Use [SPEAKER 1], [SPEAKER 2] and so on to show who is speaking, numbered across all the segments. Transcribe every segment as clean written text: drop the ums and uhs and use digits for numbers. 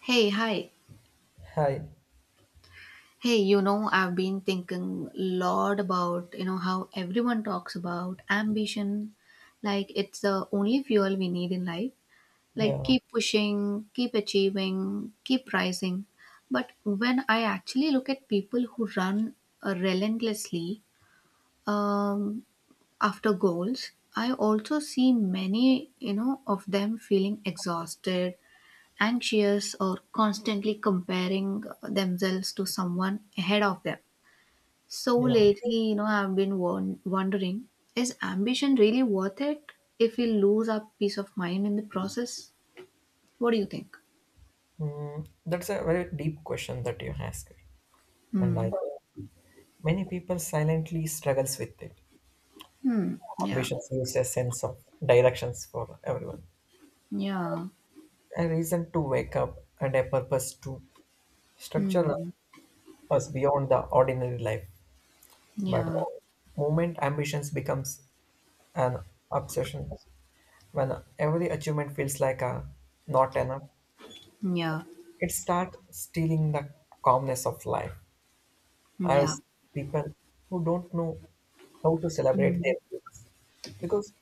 [SPEAKER 1] Hey, hi.
[SPEAKER 2] Hi.
[SPEAKER 1] Hey, I've been thinking a lot about, how everyone talks about ambition. Like it's the only fuel we need in life. Like
[SPEAKER 2] Yeah.
[SPEAKER 1] keep pushing, keep achieving, keep rising. But when I actually look at people who run relentlessly um, after goals, I also see many, of them feeling exhausted anxious or constantly comparing themselves to someone ahead of them. So
[SPEAKER 2] Yeah.
[SPEAKER 1] lately, I've been wondering, is ambition really worth it if we lose our peace of mind in the process? What do you think?
[SPEAKER 2] Mm, that's a very deep question that you ask, and I
[SPEAKER 1] Hmm.
[SPEAKER 2] think many people silently struggles with it.
[SPEAKER 1] Hmm. Yeah.
[SPEAKER 2] Ambition gives a sense of directions for everyone,
[SPEAKER 1] Yeah.
[SPEAKER 2] a reason to wake up, and a purpose to structure
[SPEAKER 1] Hmm.
[SPEAKER 2] us beyond the ordinary life. But
[SPEAKER 1] Yeah.
[SPEAKER 2] the moment ambitions becomes an obsession, when every achievement feels like a not enough,
[SPEAKER 1] Yeah.
[SPEAKER 2] it starts stealing the calmness of life. I
[SPEAKER 1] Yeah.
[SPEAKER 2] was people who don't know how to celebrate
[SPEAKER 1] Hmm.
[SPEAKER 2] their wins because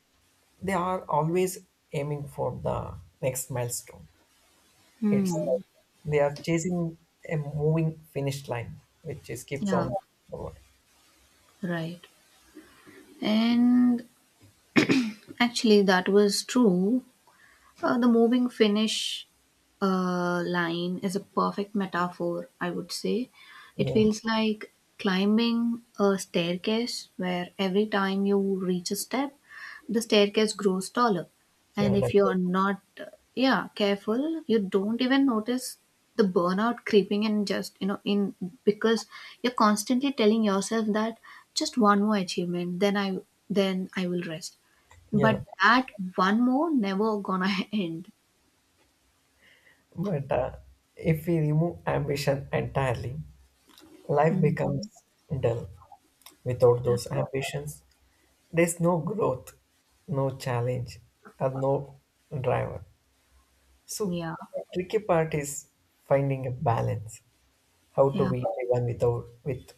[SPEAKER 2] they are always aiming for the next milestone. It's like
[SPEAKER 1] Hmm.
[SPEAKER 2] they are chasing a moving finish line, which is keeps
[SPEAKER 1] Yeah.
[SPEAKER 2] on forward.
[SPEAKER 1] Right. And actually, that was true. The moving finish line is a perfect metaphor, I would say. It
[SPEAKER 2] Yeah,
[SPEAKER 1] feels like climbing a staircase where every time you reach a step, the staircase grows taller.
[SPEAKER 2] yeah,
[SPEAKER 1] And if
[SPEAKER 2] definitely.
[SPEAKER 1] you're not, yeah, careful, you don't even notice the burnout creeping in just, in because you're constantly telling yourself that just one more achievement, then I will rest.
[SPEAKER 2] Yeah,
[SPEAKER 1] But that one more never gonna end.
[SPEAKER 2] but if we remove ambition entirely, life
[SPEAKER 1] Mm.
[SPEAKER 2] becomes dull. Without those ambitions, there's no growth, no challenge, and no driver. So
[SPEAKER 1] Yeah.
[SPEAKER 2] the tricky part is finding a balance. How to
[SPEAKER 1] Yeah.
[SPEAKER 2] be driven without with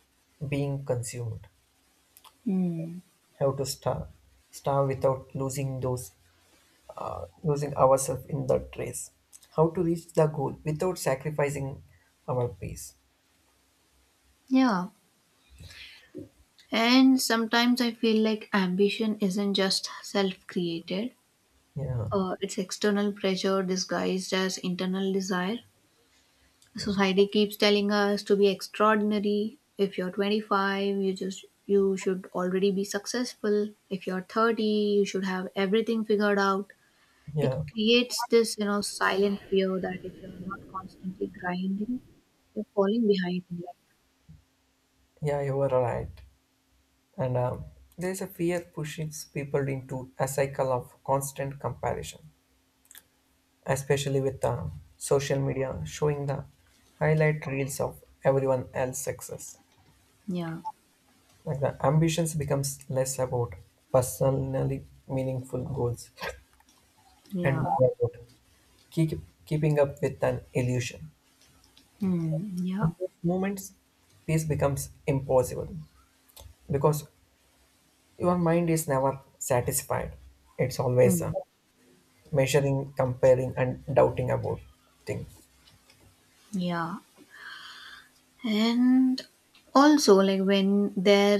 [SPEAKER 2] being consumed.
[SPEAKER 1] Mm.
[SPEAKER 2] How to starve, starve without losing those losing ourselves in that race. How to reach the goal without sacrificing our peace.
[SPEAKER 1] Yeah. And sometimes I feel like ambition isn't just self created,
[SPEAKER 2] Yeah,
[SPEAKER 1] it's external pressure disguised as internal desire.
[SPEAKER 2] yeah,
[SPEAKER 1] Society keeps telling us to be extraordinary. If you're 25, you should already be successful. If you're 30, you should have everything figured out. It
[SPEAKER 2] yeah,
[SPEAKER 1] creates this, silent fear that if you're not constantly grinding, you're falling behind in life.
[SPEAKER 2] yeah. You are right. And there is a fear pushes people into a cycle of constant comparison. Especially with the social media showing the highlight reels of everyone else's success.
[SPEAKER 1] Yeah,
[SPEAKER 2] Like the ambitions becomes less about personally meaningful goals and
[SPEAKER 1] yeah.
[SPEAKER 2] more about keep, keeping up with an illusion.
[SPEAKER 1] Mm, yeah.
[SPEAKER 2] In those moments, peace becomes impossible because your mind is never satisfied. It's always
[SPEAKER 1] Mm,
[SPEAKER 2] measuring, comparing, and doubting about things.
[SPEAKER 1] yeah. And also, like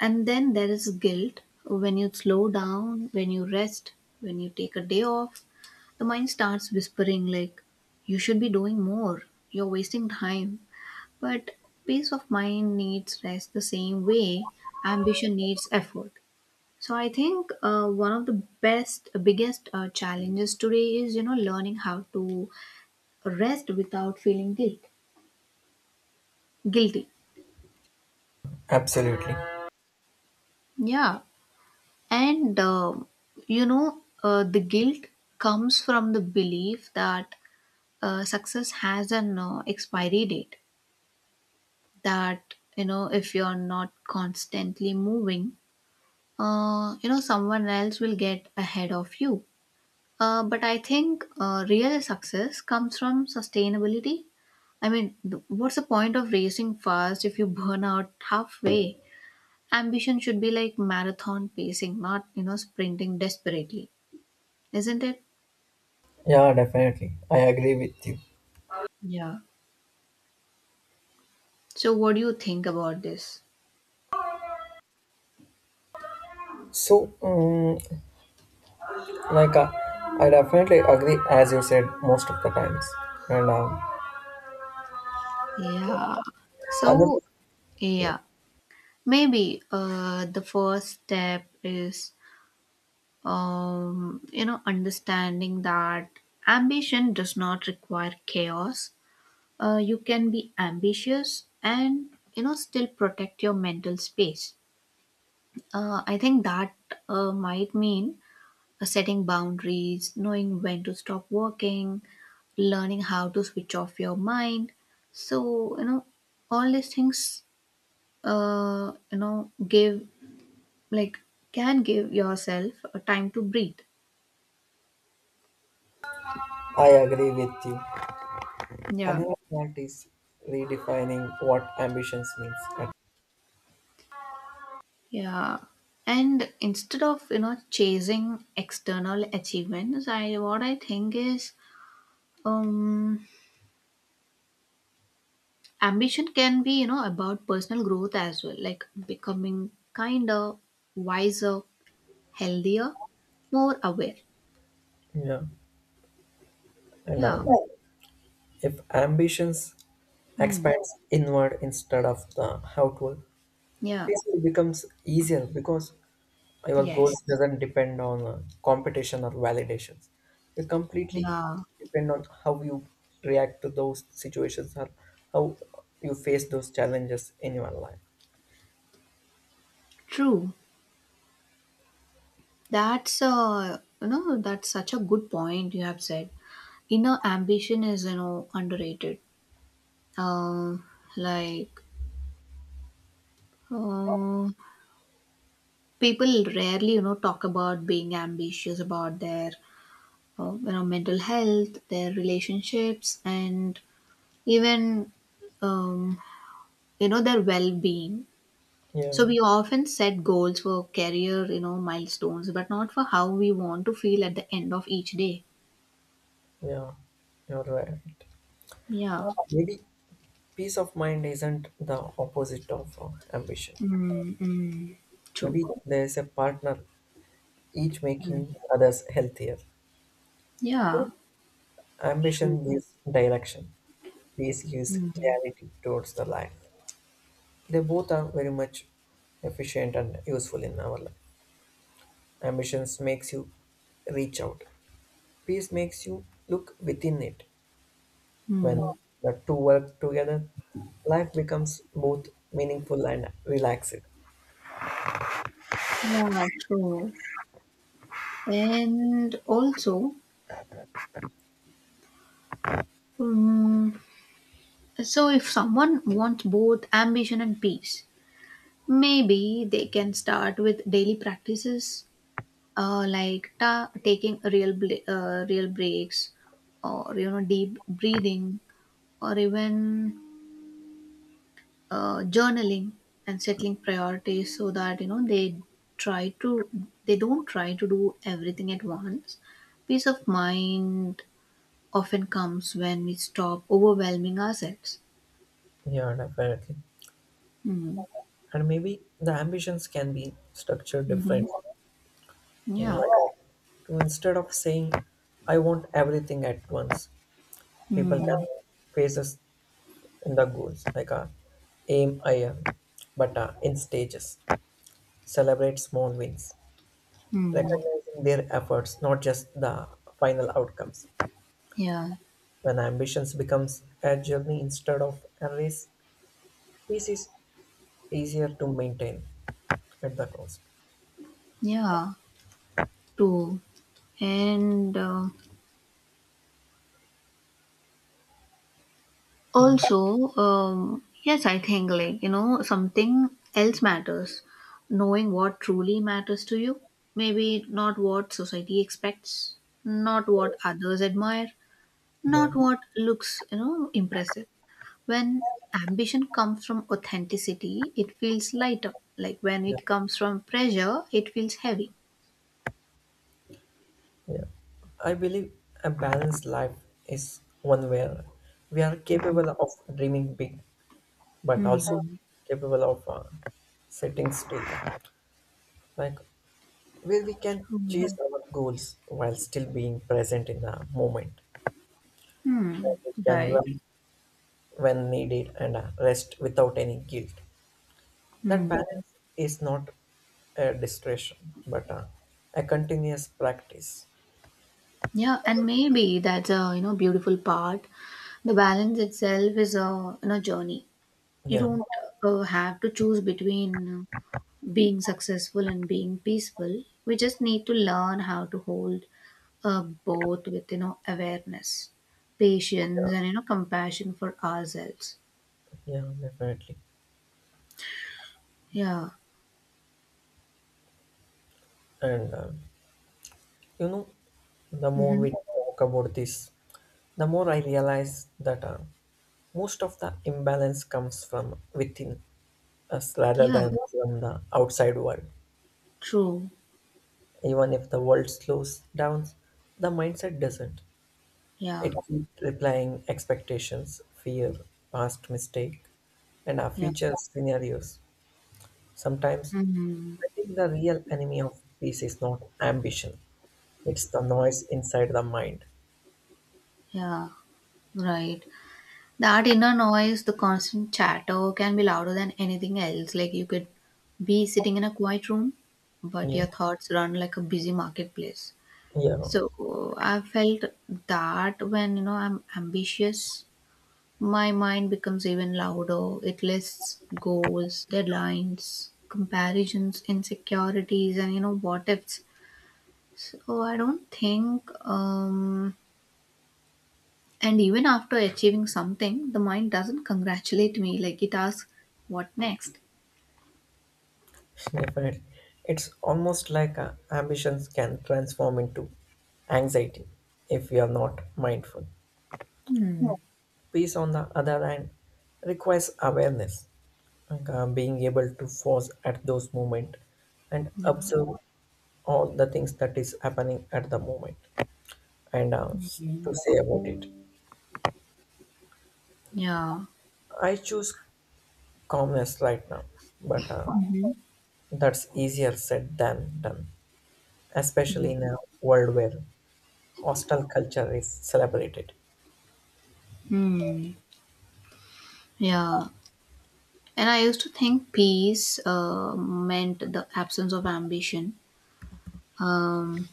[SPEAKER 1] and then there is guilt when you slow down, when you rest, when you take a day off, the mind starts whispering, like, you should be doing more, you're wasting time. But peace of mind needs rest the same way ambition needs effort. So I think one of the best, biggest challenges today is learning how to rest without feeling guilty.
[SPEAKER 2] Absolutely.
[SPEAKER 1] Yeah, and the guilt comes from the belief that success has an expiry date. That if you're not constantly moving, someone else will get ahead of you, but I think real success comes from sustainability. I mean, what's the point of racing fast if you burn out halfway? Ambition should be like marathon pacing, not sprinting desperately, isn't it?
[SPEAKER 2] Yeah, definitely. I agree with you.
[SPEAKER 1] Yeah, so what do you think about this?
[SPEAKER 2] So, like, I definitely agree, as you said, most of the times. And
[SPEAKER 1] Yeah,
[SPEAKER 2] another,
[SPEAKER 1] so
[SPEAKER 2] yeah,
[SPEAKER 1] yeah, maybe the first step is understanding that ambition does not require chaos. You can be ambitious and still protect your mental space. I think that might mean setting boundaries, knowing when to stop working, learning how to switch off your mind. So all these things, give like can give yourself a time to breathe.
[SPEAKER 2] I agree with you.
[SPEAKER 1] Yeah.
[SPEAKER 2] Another part is redefining what ambitions means.
[SPEAKER 1] Yeah. And instead of, chasing external achievements, I what I think is, um ambition can be, about personal growth as well, like becoming kinder, wiser, healthier, more aware.
[SPEAKER 2] Yeah, and
[SPEAKER 1] Yeah.
[SPEAKER 2] if ambitions
[SPEAKER 1] Hmm.
[SPEAKER 2] expands inward instead of the outward,
[SPEAKER 1] Yeah.
[SPEAKER 2] peace becomes easier because your
[SPEAKER 1] Yes.
[SPEAKER 2] goals doesn't depend on competition or validations, you completely
[SPEAKER 1] Yeah.
[SPEAKER 2] depend on how you react to those situations or how you face those challenges in your life.
[SPEAKER 1] True. That's such a good point you have said. Inner ambition is, underrated, Um like Uh, people rarely, talk about being ambitious about their, mental health, their relationships, and even, um, their well-being.
[SPEAKER 2] Yeah,
[SPEAKER 1] So we often set goals for career, milestones, but not for how we want to feel at the end of each day.
[SPEAKER 2] yeah, you're right.
[SPEAKER 1] Yeah.
[SPEAKER 2] Maybe peace of mind isn't the opposite of ambition.
[SPEAKER 1] Mm, mm, true.
[SPEAKER 2] Maybe there's a partner, each
[SPEAKER 1] Mm.
[SPEAKER 2] making others healthier.
[SPEAKER 1] Yeah. True.
[SPEAKER 2] Ambition gives direction, peace gives
[SPEAKER 1] Mm,
[SPEAKER 2] clarity towards the life. They both are very much efficient and useful in our life. Ambitions makes you reach out. Peace makes you look within it. When
[SPEAKER 1] mm.
[SPEAKER 2] the two work together, life becomes both meaningful and relaxed.
[SPEAKER 1] Yeah, true. And also, um, so, if someone wants both ambition and peace, maybe they can start with daily practices like taking real breaks, or deep breathing, or even journaling and settling priorities, so that try to they don't try to do everything at once. Peace of mind often comes when we stop overwhelming ourselves.
[SPEAKER 2] Yeah, definitely.
[SPEAKER 1] Hmm.
[SPEAKER 2] And maybe the ambitions can be structured different.
[SPEAKER 1] Mhm.
[SPEAKER 2] Mm,
[SPEAKER 1] Yeah.
[SPEAKER 2] like, to instead of saying, I want everything at once, people can
[SPEAKER 1] Hmm.
[SPEAKER 2] face us in the goals, like aim higher, but in stages. Celebrate small wins,
[SPEAKER 1] Hmm.
[SPEAKER 2] recognizing their efforts, not just the final outcomes.
[SPEAKER 1] Yeah,
[SPEAKER 2] When ambitions becomes a journey instead of a race, peace is easier to maintain at the cost.
[SPEAKER 1] yeah, true. And
[SPEAKER 2] Yeah,
[SPEAKER 1] also, yes, I think, like, something else matters. Knowing what truly matters to you. Maybe not what society expects, not what others admire,
[SPEAKER 2] yeah,
[SPEAKER 1] not what looks, impressive. When ambition comes from authenticity, it feels lighter. Like when
[SPEAKER 2] yeah,
[SPEAKER 1] it comes from pressure, it feels heavy.
[SPEAKER 2] yeah. I believe a balanced life is one where we are capable of dreaming big, but also
[SPEAKER 1] Hmm.
[SPEAKER 2] capable of sitting still, like where we can chase our goals while still being present in the moment.
[SPEAKER 1] Hmm.
[SPEAKER 2] You can
[SPEAKER 1] Right.
[SPEAKER 2] run when needed and rest without any guilt. That
[SPEAKER 1] Hmm.
[SPEAKER 2] balance is not a distraction, but a continuous practice.
[SPEAKER 1] Yeah, and maybe that's a beautiful part. The balance itself is a journey. You
[SPEAKER 2] Yeah,
[SPEAKER 1] don't have to choose between being successful and being peaceful. We just need to learn how to hold, both with awareness,
[SPEAKER 2] yeah,
[SPEAKER 1] patience, and compassion for ourselves.
[SPEAKER 2] yeah, definitely.
[SPEAKER 1] Yeah.
[SPEAKER 2] And you know, the more
[SPEAKER 1] Mm-hmm.
[SPEAKER 2] we talk about this, the more I realize that most of the imbalance comes from within us rather
[SPEAKER 1] Yeah.
[SPEAKER 2] than from the outside world.
[SPEAKER 1] True.
[SPEAKER 2] Even if the world slows down, the mindset doesn't.
[SPEAKER 1] Yeah.
[SPEAKER 2] It keeps replying expectations, fear, past mistake, and our
[SPEAKER 1] Yeah.
[SPEAKER 2] future scenarios. Sometimes
[SPEAKER 1] Hmm.
[SPEAKER 2] I think the real enemy of peace is not ambition. It's the noise inside the mind.
[SPEAKER 1] Yeah. Right. That inner noise, the constant chatter can be louder than anything else. Like you could be sitting in a quiet room, but
[SPEAKER 2] Yeah,
[SPEAKER 1] your thoughts run like a busy marketplace.
[SPEAKER 2] yeah,
[SPEAKER 1] So I felt that when I'm ambitious, my mind becomes even louder. It lists goals, deadlines, comparisons, insecurities, and what ifs. So I don't think. And even after achieving something, the mind doesn't congratulate me. Like it asks, what next?
[SPEAKER 2] definitely. It's almost like ambitions can transform into anxiety if we are not mindful.
[SPEAKER 1] Hmm.
[SPEAKER 2] Peace, on the other hand, requires awareness, like, being able to pause at those moments and
[SPEAKER 1] Yeah.
[SPEAKER 2] observe all the things that is happening at the moment and to say about it.
[SPEAKER 1] Yeah.
[SPEAKER 2] I choose calmness right now, but
[SPEAKER 1] Hmm.
[SPEAKER 2] that's easier said than done, especially in a world where hostile culture is celebrated.
[SPEAKER 1] Hmm. Yeah. And I used to think peace meant the absence of ambition. Um,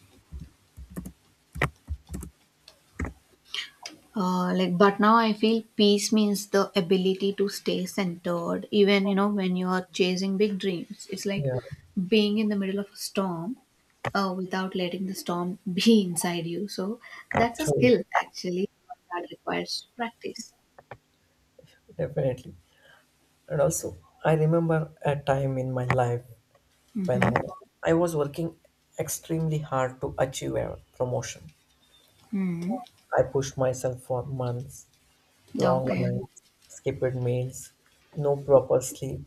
[SPEAKER 1] like, but now I feel peace means the ability to stay centered, even when you are chasing big dreams. It's like
[SPEAKER 2] Yeah,
[SPEAKER 1] being in the middle of a storm, without letting the storm be inside you. So that's a
[SPEAKER 2] true,
[SPEAKER 1] skill actually that requires practice.
[SPEAKER 2] definitely. And also, I remember a time in my life when I was working extremely hard to achieve a promotion.
[SPEAKER 1] Hmm.
[SPEAKER 2] I pushed myself for months, long
[SPEAKER 1] Okay.
[SPEAKER 2] nights, skipped meals, no proper sleep.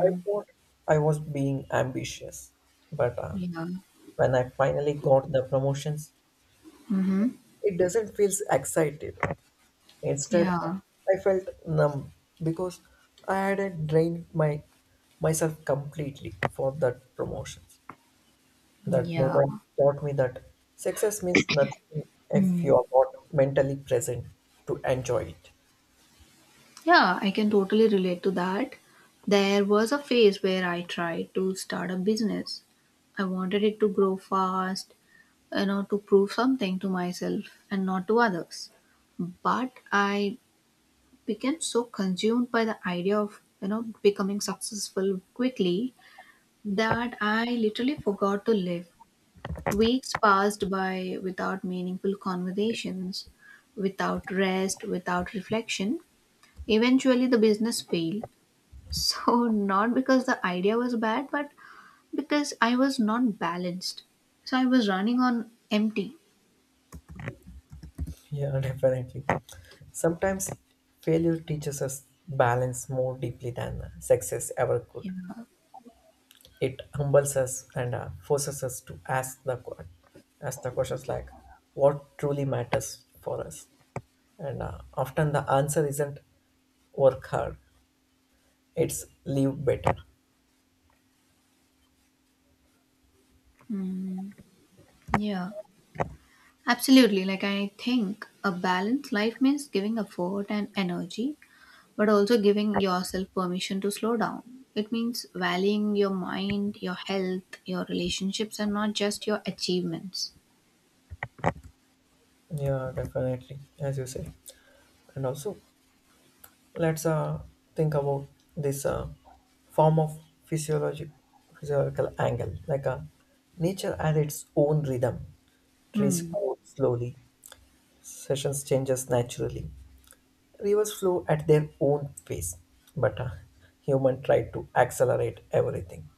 [SPEAKER 2] I thought I was being ambitious, but
[SPEAKER 1] Yeah.
[SPEAKER 2] when I finally got the promotions,
[SPEAKER 1] Mm-hmm.
[SPEAKER 2] it doesn't feel excited. Instead,
[SPEAKER 1] Yeah.
[SPEAKER 2] I felt numb because I hadn't drained my myself completely for that promotions. That
[SPEAKER 1] Yeah.
[SPEAKER 2] moment taught me that success means nothing if you
[SPEAKER 1] Mm.
[SPEAKER 2] are not mentally present to enjoy it.
[SPEAKER 1] Yeah, I can totally relate to that. There was a phase where I tried to start a business. I wanted it to grow fast, to prove something to myself and not to others. But I became so consumed by the idea of, becoming successful quickly that I literally forgot to live. Weeks passed by without meaningful conversations, without rest, without reflection. Eventually, the business failed, so not because the idea was bad, but because I was not balanced. So, I was running on empty.
[SPEAKER 2] Yeah, definitely. Sometimes failure teaches us balance more deeply than success ever could.
[SPEAKER 1] You know?
[SPEAKER 2] It humbles us and forces us to ask ask the questions like, what truly matters for us? And often the answer isn't work hard; it's live better.
[SPEAKER 1] Mm, yeah, absolutely. Like, I think a balanced life means giving effort and energy, but also giving yourself permission to slow down. It means valuing your mind, your health, your relationships, and not just your achievements.
[SPEAKER 2] Yeah, definitely, as you say, and also let's think about this form of physiologic physiological angle, like nature has its own rhythm, trees
[SPEAKER 1] Hmm.
[SPEAKER 2] grow slowly, sessions changes naturally, rivers flow at their own pace, but human try to accelerate everything.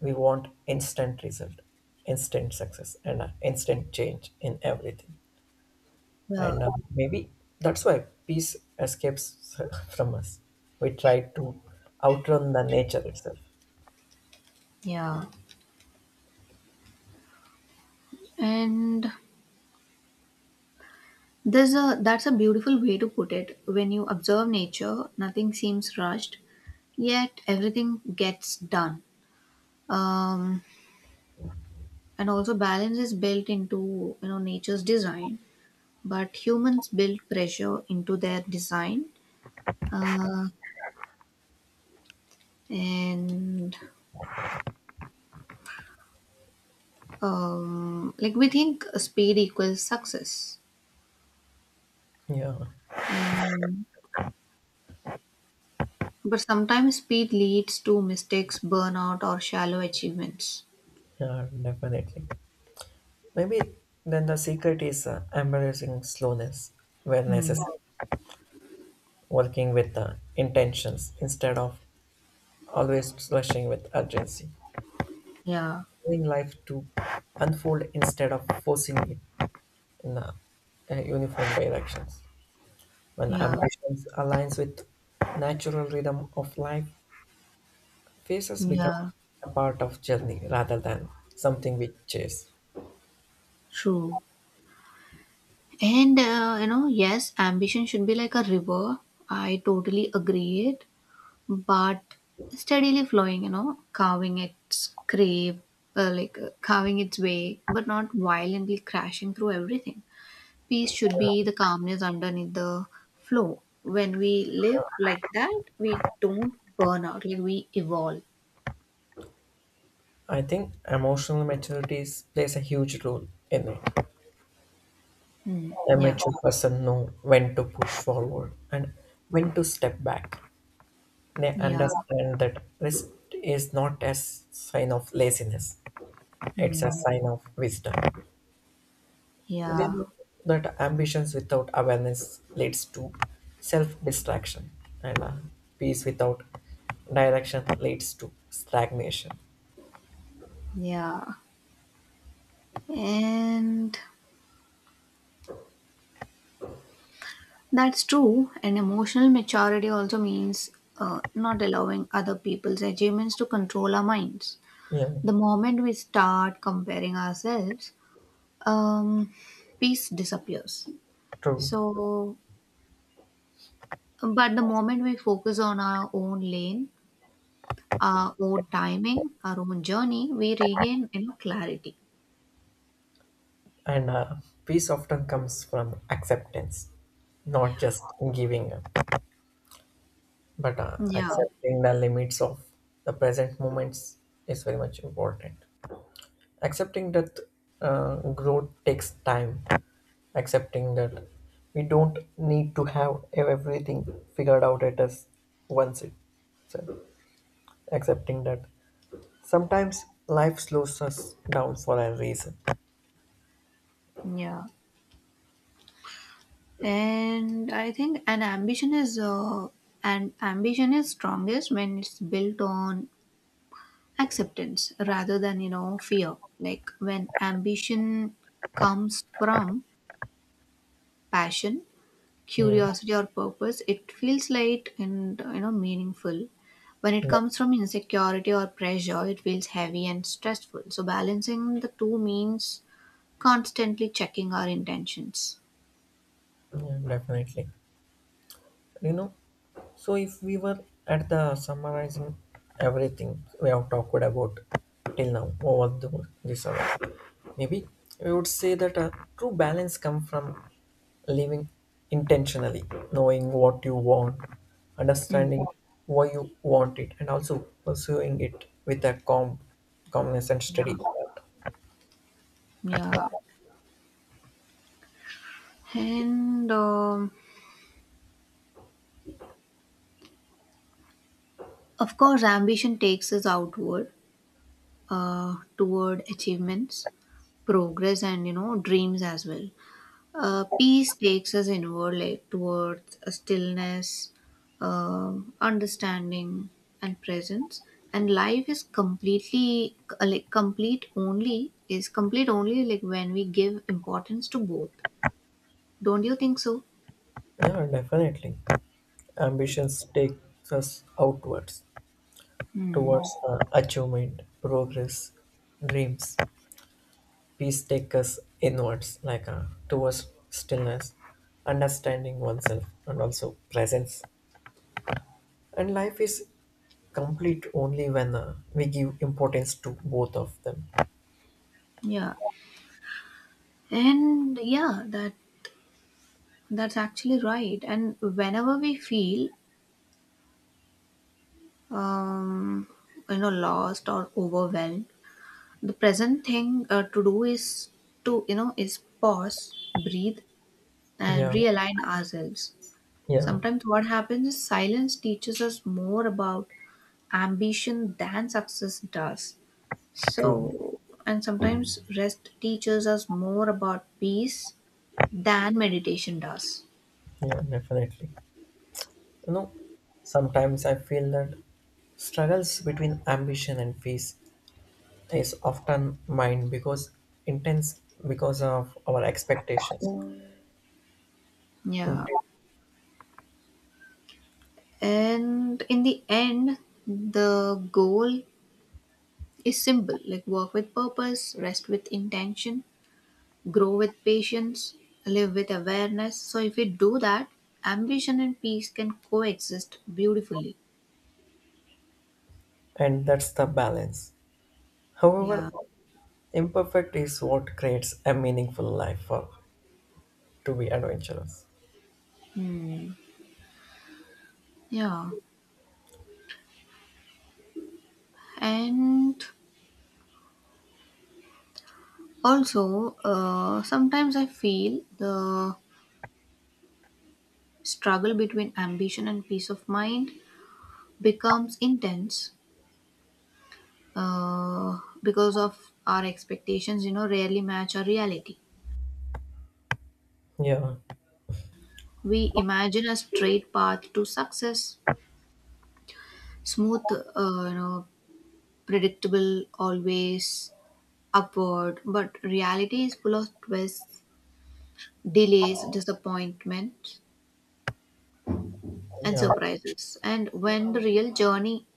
[SPEAKER 2] We want instant result, instant success, and instant change in everything.
[SPEAKER 1] Yeah.
[SPEAKER 2] And maybe that's why peace escapes from us. We try to outrun the nature itself.
[SPEAKER 1] Yeah. And There's a that's a beautiful way to put it. When you observe nature, nothing seems rushed, yet everything gets done. Um, and also, balance is built into nature's design, but humans build pressure into their design. Uh, and, like, we think speed equals success,
[SPEAKER 2] Yeah,
[SPEAKER 1] and but sometimes speed leads to mistakes, burnout, or shallow achievements.
[SPEAKER 2] yeah, definitely. Maybe then the secret is embracing slowness where
[SPEAKER 1] Hmm.
[SPEAKER 2] necessary, working with intentions instead of always rushing with urgency,
[SPEAKER 1] Yeah,
[SPEAKER 2] allowing life to unfold instead of forcing it in a uniform directions. When
[SPEAKER 1] yeah.
[SPEAKER 2] ambitions aligns with natural rhythm of life, faces become
[SPEAKER 1] Yeah,
[SPEAKER 2] a part of journey rather than something we chase.
[SPEAKER 1] true. And yes, ambition should be like a river. I totally agree it, but steadily flowing, like carving its way, but not violently crashing through everything. Peace should be the calmness underneath the flow. When we live like that, we don't burn out, like we evolve.
[SPEAKER 2] I think emotional maturity plays a huge role in it.
[SPEAKER 1] Hmm.
[SPEAKER 2] A
[SPEAKER 1] Yeah,
[SPEAKER 2] mature person knows when to push forward and when to step back. They
[SPEAKER 1] yeah.
[SPEAKER 2] understand that rest is not a sign of laziness; it's a
[SPEAKER 1] Hmm.
[SPEAKER 2] sign of wisdom. They
[SPEAKER 1] Yeah,
[SPEAKER 2] know that ambitions without awareness leads to self-distraction, and peace without direction leads to stagnation.
[SPEAKER 1] yeah. And that's true, and emotional maturity also means not allowing other people's achievements to control our minds.
[SPEAKER 2] Yeah,
[SPEAKER 1] The moment we start comparing ourselves, um, peace disappears.
[SPEAKER 2] true.
[SPEAKER 1] So, but the moment we focus on our own lane, our own timing, our own journey, we regain clarity.
[SPEAKER 2] And peace often comes from acceptance, not just giving up, but
[SPEAKER 1] Yeah,
[SPEAKER 2] accepting the limits of the present moments is very much important. Accepting that growth takes time, accepting that we don't need to have everything figured out at us once it. So accepting that sometimes life slows us down for a reason.
[SPEAKER 1] yeah, and I think an ambition is strongest when it's built on acceptance rather than fear, like when ambition comes from passion,
[SPEAKER 2] Yeah,
[SPEAKER 1] curiosity or purpose, it feels light and meaningful. When it
[SPEAKER 2] yeah,
[SPEAKER 1] comes from insecurity or pressure, it feels heavy and stressful, so balancing the two means constantly checking our intentions.
[SPEAKER 2] yeah, definitely. You know, so, if we were at the summarizing everything we have talked about till now over the, this hour, maybe we would say that a true balance comes from living intentionally, knowing what you want,
[SPEAKER 1] Mm,
[SPEAKER 2] understanding why you want it, and also pursuing it with calmness and steady
[SPEAKER 1] yeah,
[SPEAKER 2] effort.
[SPEAKER 1] yeah. And of course, ambition takes us outward, toward achievements, progress, and dreams as well. Peace takes us inward, like towards a stillness, understanding, and presence. And life is completely, like, complete only is complete only, like, when we give importance to both. Don't you think so?
[SPEAKER 2] Yeah, definitely. Ambitions takes us outwards
[SPEAKER 1] Hmm.
[SPEAKER 2] towards achievement, progress, dreams. Peace takes us inwards, like towards stillness, understanding oneself, and also presence. And life is complete only when we give importance to both of them.
[SPEAKER 1] Yeah. And yeah, that's actually right. And whenever we feel um, lost or overwhelmed, the present thing to do is to you know is pause, breathe and
[SPEAKER 2] Yeah,
[SPEAKER 1] realign ourselves.
[SPEAKER 2] yeah,
[SPEAKER 1] Sometimes what happens is silence teaches us more about ambition than success does, so
[SPEAKER 2] true.
[SPEAKER 1] and sometimes rest teaches us more about peace than meditation does.
[SPEAKER 2] Yeah, definitely. You know, sometimes I feel that struggles between ambition and peace is often mine because intense because of our expectations,
[SPEAKER 1] Yeah, and in the end, the goal is simple, like work with purpose, rest with intention, grow with patience, live with awareness. So, if we do that, ambition and peace can coexist beautifully.
[SPEAKER 2] and that's the balance. However,
[SPEAKER 1] Yeah.
[SPEAKER 2] imperfect is what creates a meaningful life for to be adventurous.
[SPEAKER 1] Hmm. Yeah. And also, sometimes I feel the struggle between ambition and peace of mind becomes intense because of our expectations, rarely match our reality.
[SPEAKER 2] Yeah,
[SPEAKER 1] We imagine a straight path to success, smooth, predictable, always upward, but reality is full of twists, delays, disappointment, and
[SPEAKER 2] yeah,
[SPEAKER 1] surprises. And when the real journey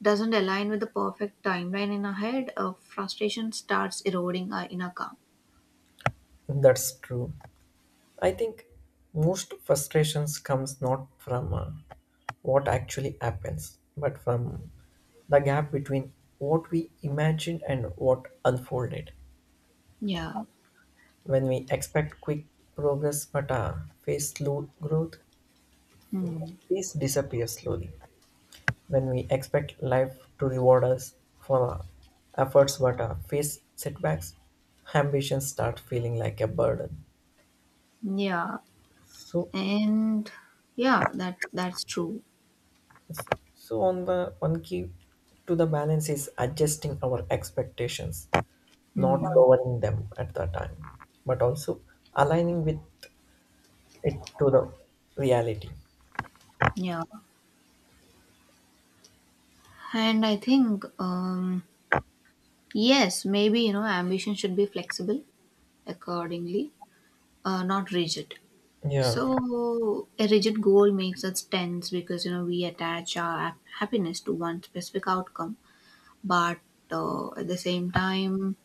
[SPEAKER 1] doesn't align with the perfect timeline in our head, frustration starts eroding our inner calm.
[SPEAKER 2] that's true. I think most frustrations comes not from what actually happens, but from the gap between what we imagined and what unfolded.
[SPEAKER 1] Yeah.
[SPEAKER 2] When we expect quick progress but face slow growth,
[SPEAKER 1] Hmm.
[SPEAKER 2] peace disappears slowly. When we expect life to reward us for our efforts but face setbacks, ambitions start feeling like a burden.
[SPEAKER 1] Yeah,
[SPEAKER 2] So,
[SPEAKER 1] and yeah, that's true.
[SPEAKER 2] so on the one key to the balance is adjusting our expectations, not
[SPEAKER 1] Hmm.
[SPEAKER 2] lowering them at the time, but also aligning with it to the reality.
[SPEAKER 1] Yeah, and I think, yes, maybe, ambition should be flexible accordingly, not rigid.
[SPEAKER 2] Yeah,
[SPEAKER 1] So a rigid goal makes us tense because we attach our happiness to one specific outcome, but, at the same time,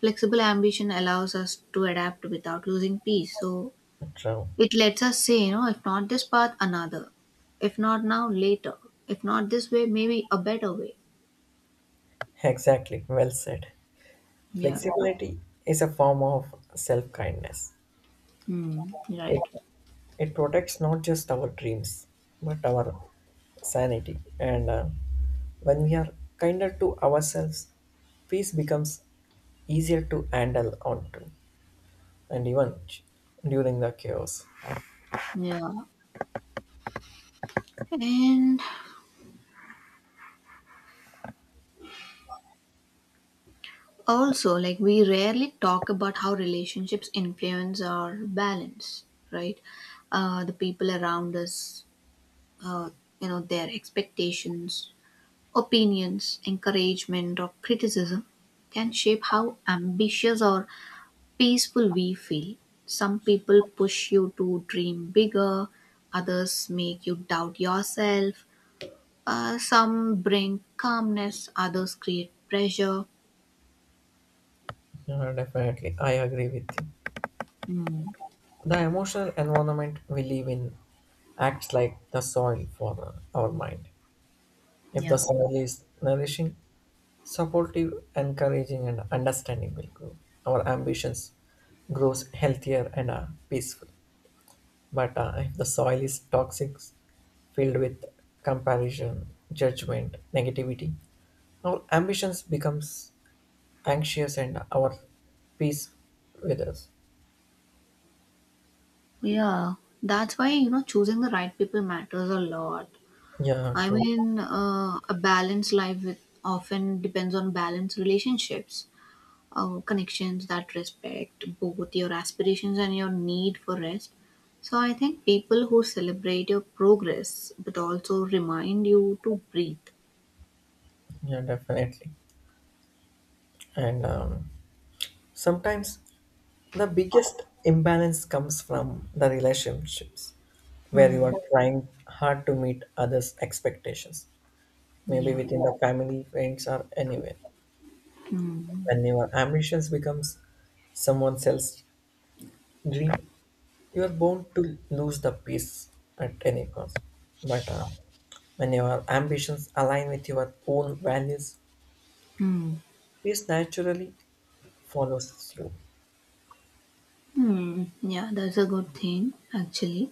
[SPEAKER 1] flexible ambition allows us to adapt without losing peace. So
[SPEAKER 2] true.
[SPEAKER 1] it lets us say, if not this path, another. If not now, later. If not this way, maybe a better way.
[SPEAKER 2] Exactly. Well said.
[SPEAKER 1] Yeah.
[SPEAKER 2] Flexibility is a form of self kindness.
[SPEAKER 1] Hmm.
[SPEAKER 2] It
[SPEAKER 1] Right.
[SPEAKER 2] It protects not just our dreams, but our sanity. And when we are kinder to ourselves, peace becomes easier to handle onto, and even during the chaos.
[SPEAKER 1] Yeah. And also, like we rarely talk about how relationships influence our balance, right? The people around us, uh, their expectations, opinions, encouragement or criticism can shape how ambitious or peaceful we feel. Some people push you to dream bigger, others make you doubt yourself. Some bring calmness, others create pressure.
[SPEAKER 2] Yeah, definitely, I agree with you.
[SPEAKER 1] Mm,
[SPEAKER 2] The emotional environment we live in acts like the soil for our mind. If the
[SPEAKER 1] yeah.
[SPEAKER 2] soil is nourishing, supportive, encouraging, and understanding will grow. Our ambitions grows healthier and peaceful. But if the soil is toxic, filled with comparison, judgment, negativity, our ambitions becomes anxious and our peace withers.
[SPEAKER 1] Yeah, that's why choosing the right people matters a lot.
[SPEAKER 2] Yeah,
[SPEAKER 1] I
[SPEAKER 2] true.
[SPEAKER 1] mean, a balanced life with often depends on balanced relationships, connections that respect both your aspirations and your need for rest. So I think people who celebrate your progress but also remind you to breathe.
[SPEAKER 2] Yeah, definitely. And sometimes the biggest imbalance comes from the relationships where you
[SPEAKER 1] Hmm.
[SPEAKER 2] are trying hard to meet others' expectations, maybe
[SPEAKER 1] Yeah.
[SPEAKER 2] within the family, friends, or anywhere. When your ambitions becomes someone else's dream, you are bound to lose the peace at any cost. But when your ambitions align with your own values,
[SPEAKER 1] Hmm.
[SPEAKER 2] peace naturally follows you.
[SPEAKER 1] Hmm. Yeah, that's a good thing actually.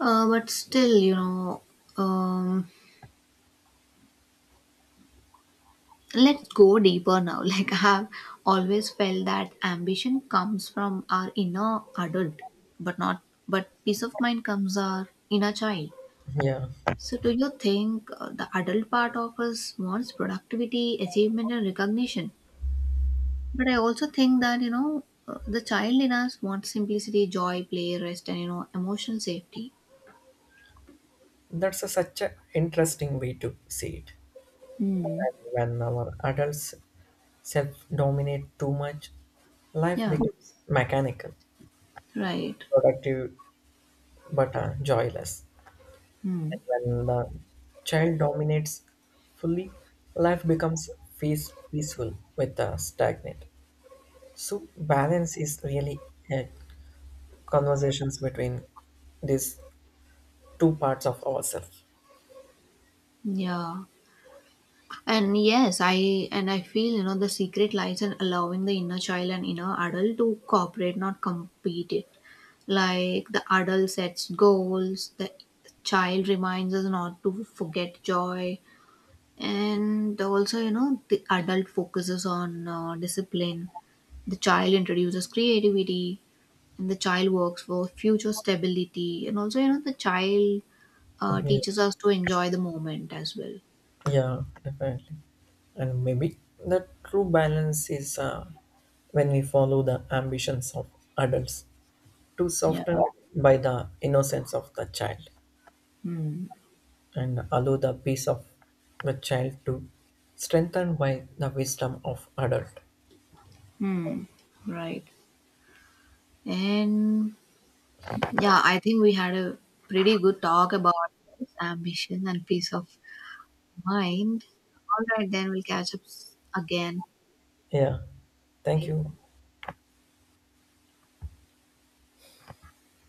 [SPEAKER 1] But still, um, let's go deeper now like I have always felt that ambition comes from our inner adult but not but peace of mind comes our inner child.
[SPEAKER 2] Yeah,
[SPEAKER 1] So do you think the adult part of us wants productivity, achievement and recognition? But I also think that, the child in us wants simplicity, joy, play, rest and emotional safety.
[SPEAKER 2] that's a, such an interesting way to see it.
[SPEAKER 1] Hmm.
[SPEAKER 2] And when our adults self dominate too much, life
[SPEAKER 1] Yeah,
[SPEAKER 2] becomes mechanical,
[SPEAKER 1] right.
[SPEAKER 2] productive, but joyless.
[SPEAKER 1] Hmm.
[SPEAKER 2] And when the child dominates fully, life becomes peaceful with stagnant. So balance is really a conversations between these two parts of ourselves.
[SPEAKER 1] Yeah. And yes, I feel the secret lies in allowing the inner child and inner adult to cooperate, not compete it. Like the adult sets goals, the child reminds us not to forget joy, and also the adult focuses on, discipline. The child introduces creativity, and the child works for future stability, and also the child teaches
[SPEAKER 2] Yeah,
[SPEAKER 1] us to enjoy the moment as well.
[SPEAKER 2] yeah, definitely. And maybe the true balance is when we follow the ambitions of adults to
[SPEAKER 1] Yeah.
[SPEAKER 2] soften by the innocence of the child
[SPEAKER 1] Hmm.
[SPEAKER 2] and allow the peace of the child to strengthen by the wisdom of adult.
[SPEAKER 1] Hmm. Right. And yeah, I think we had a pretty good talk about this ambition and peace of mind. All right, then we'll catch up again.
[SPEAKER 2] Yeah. Thank
[SPEAKER 1] Bye.
[SPEAKER 2] you.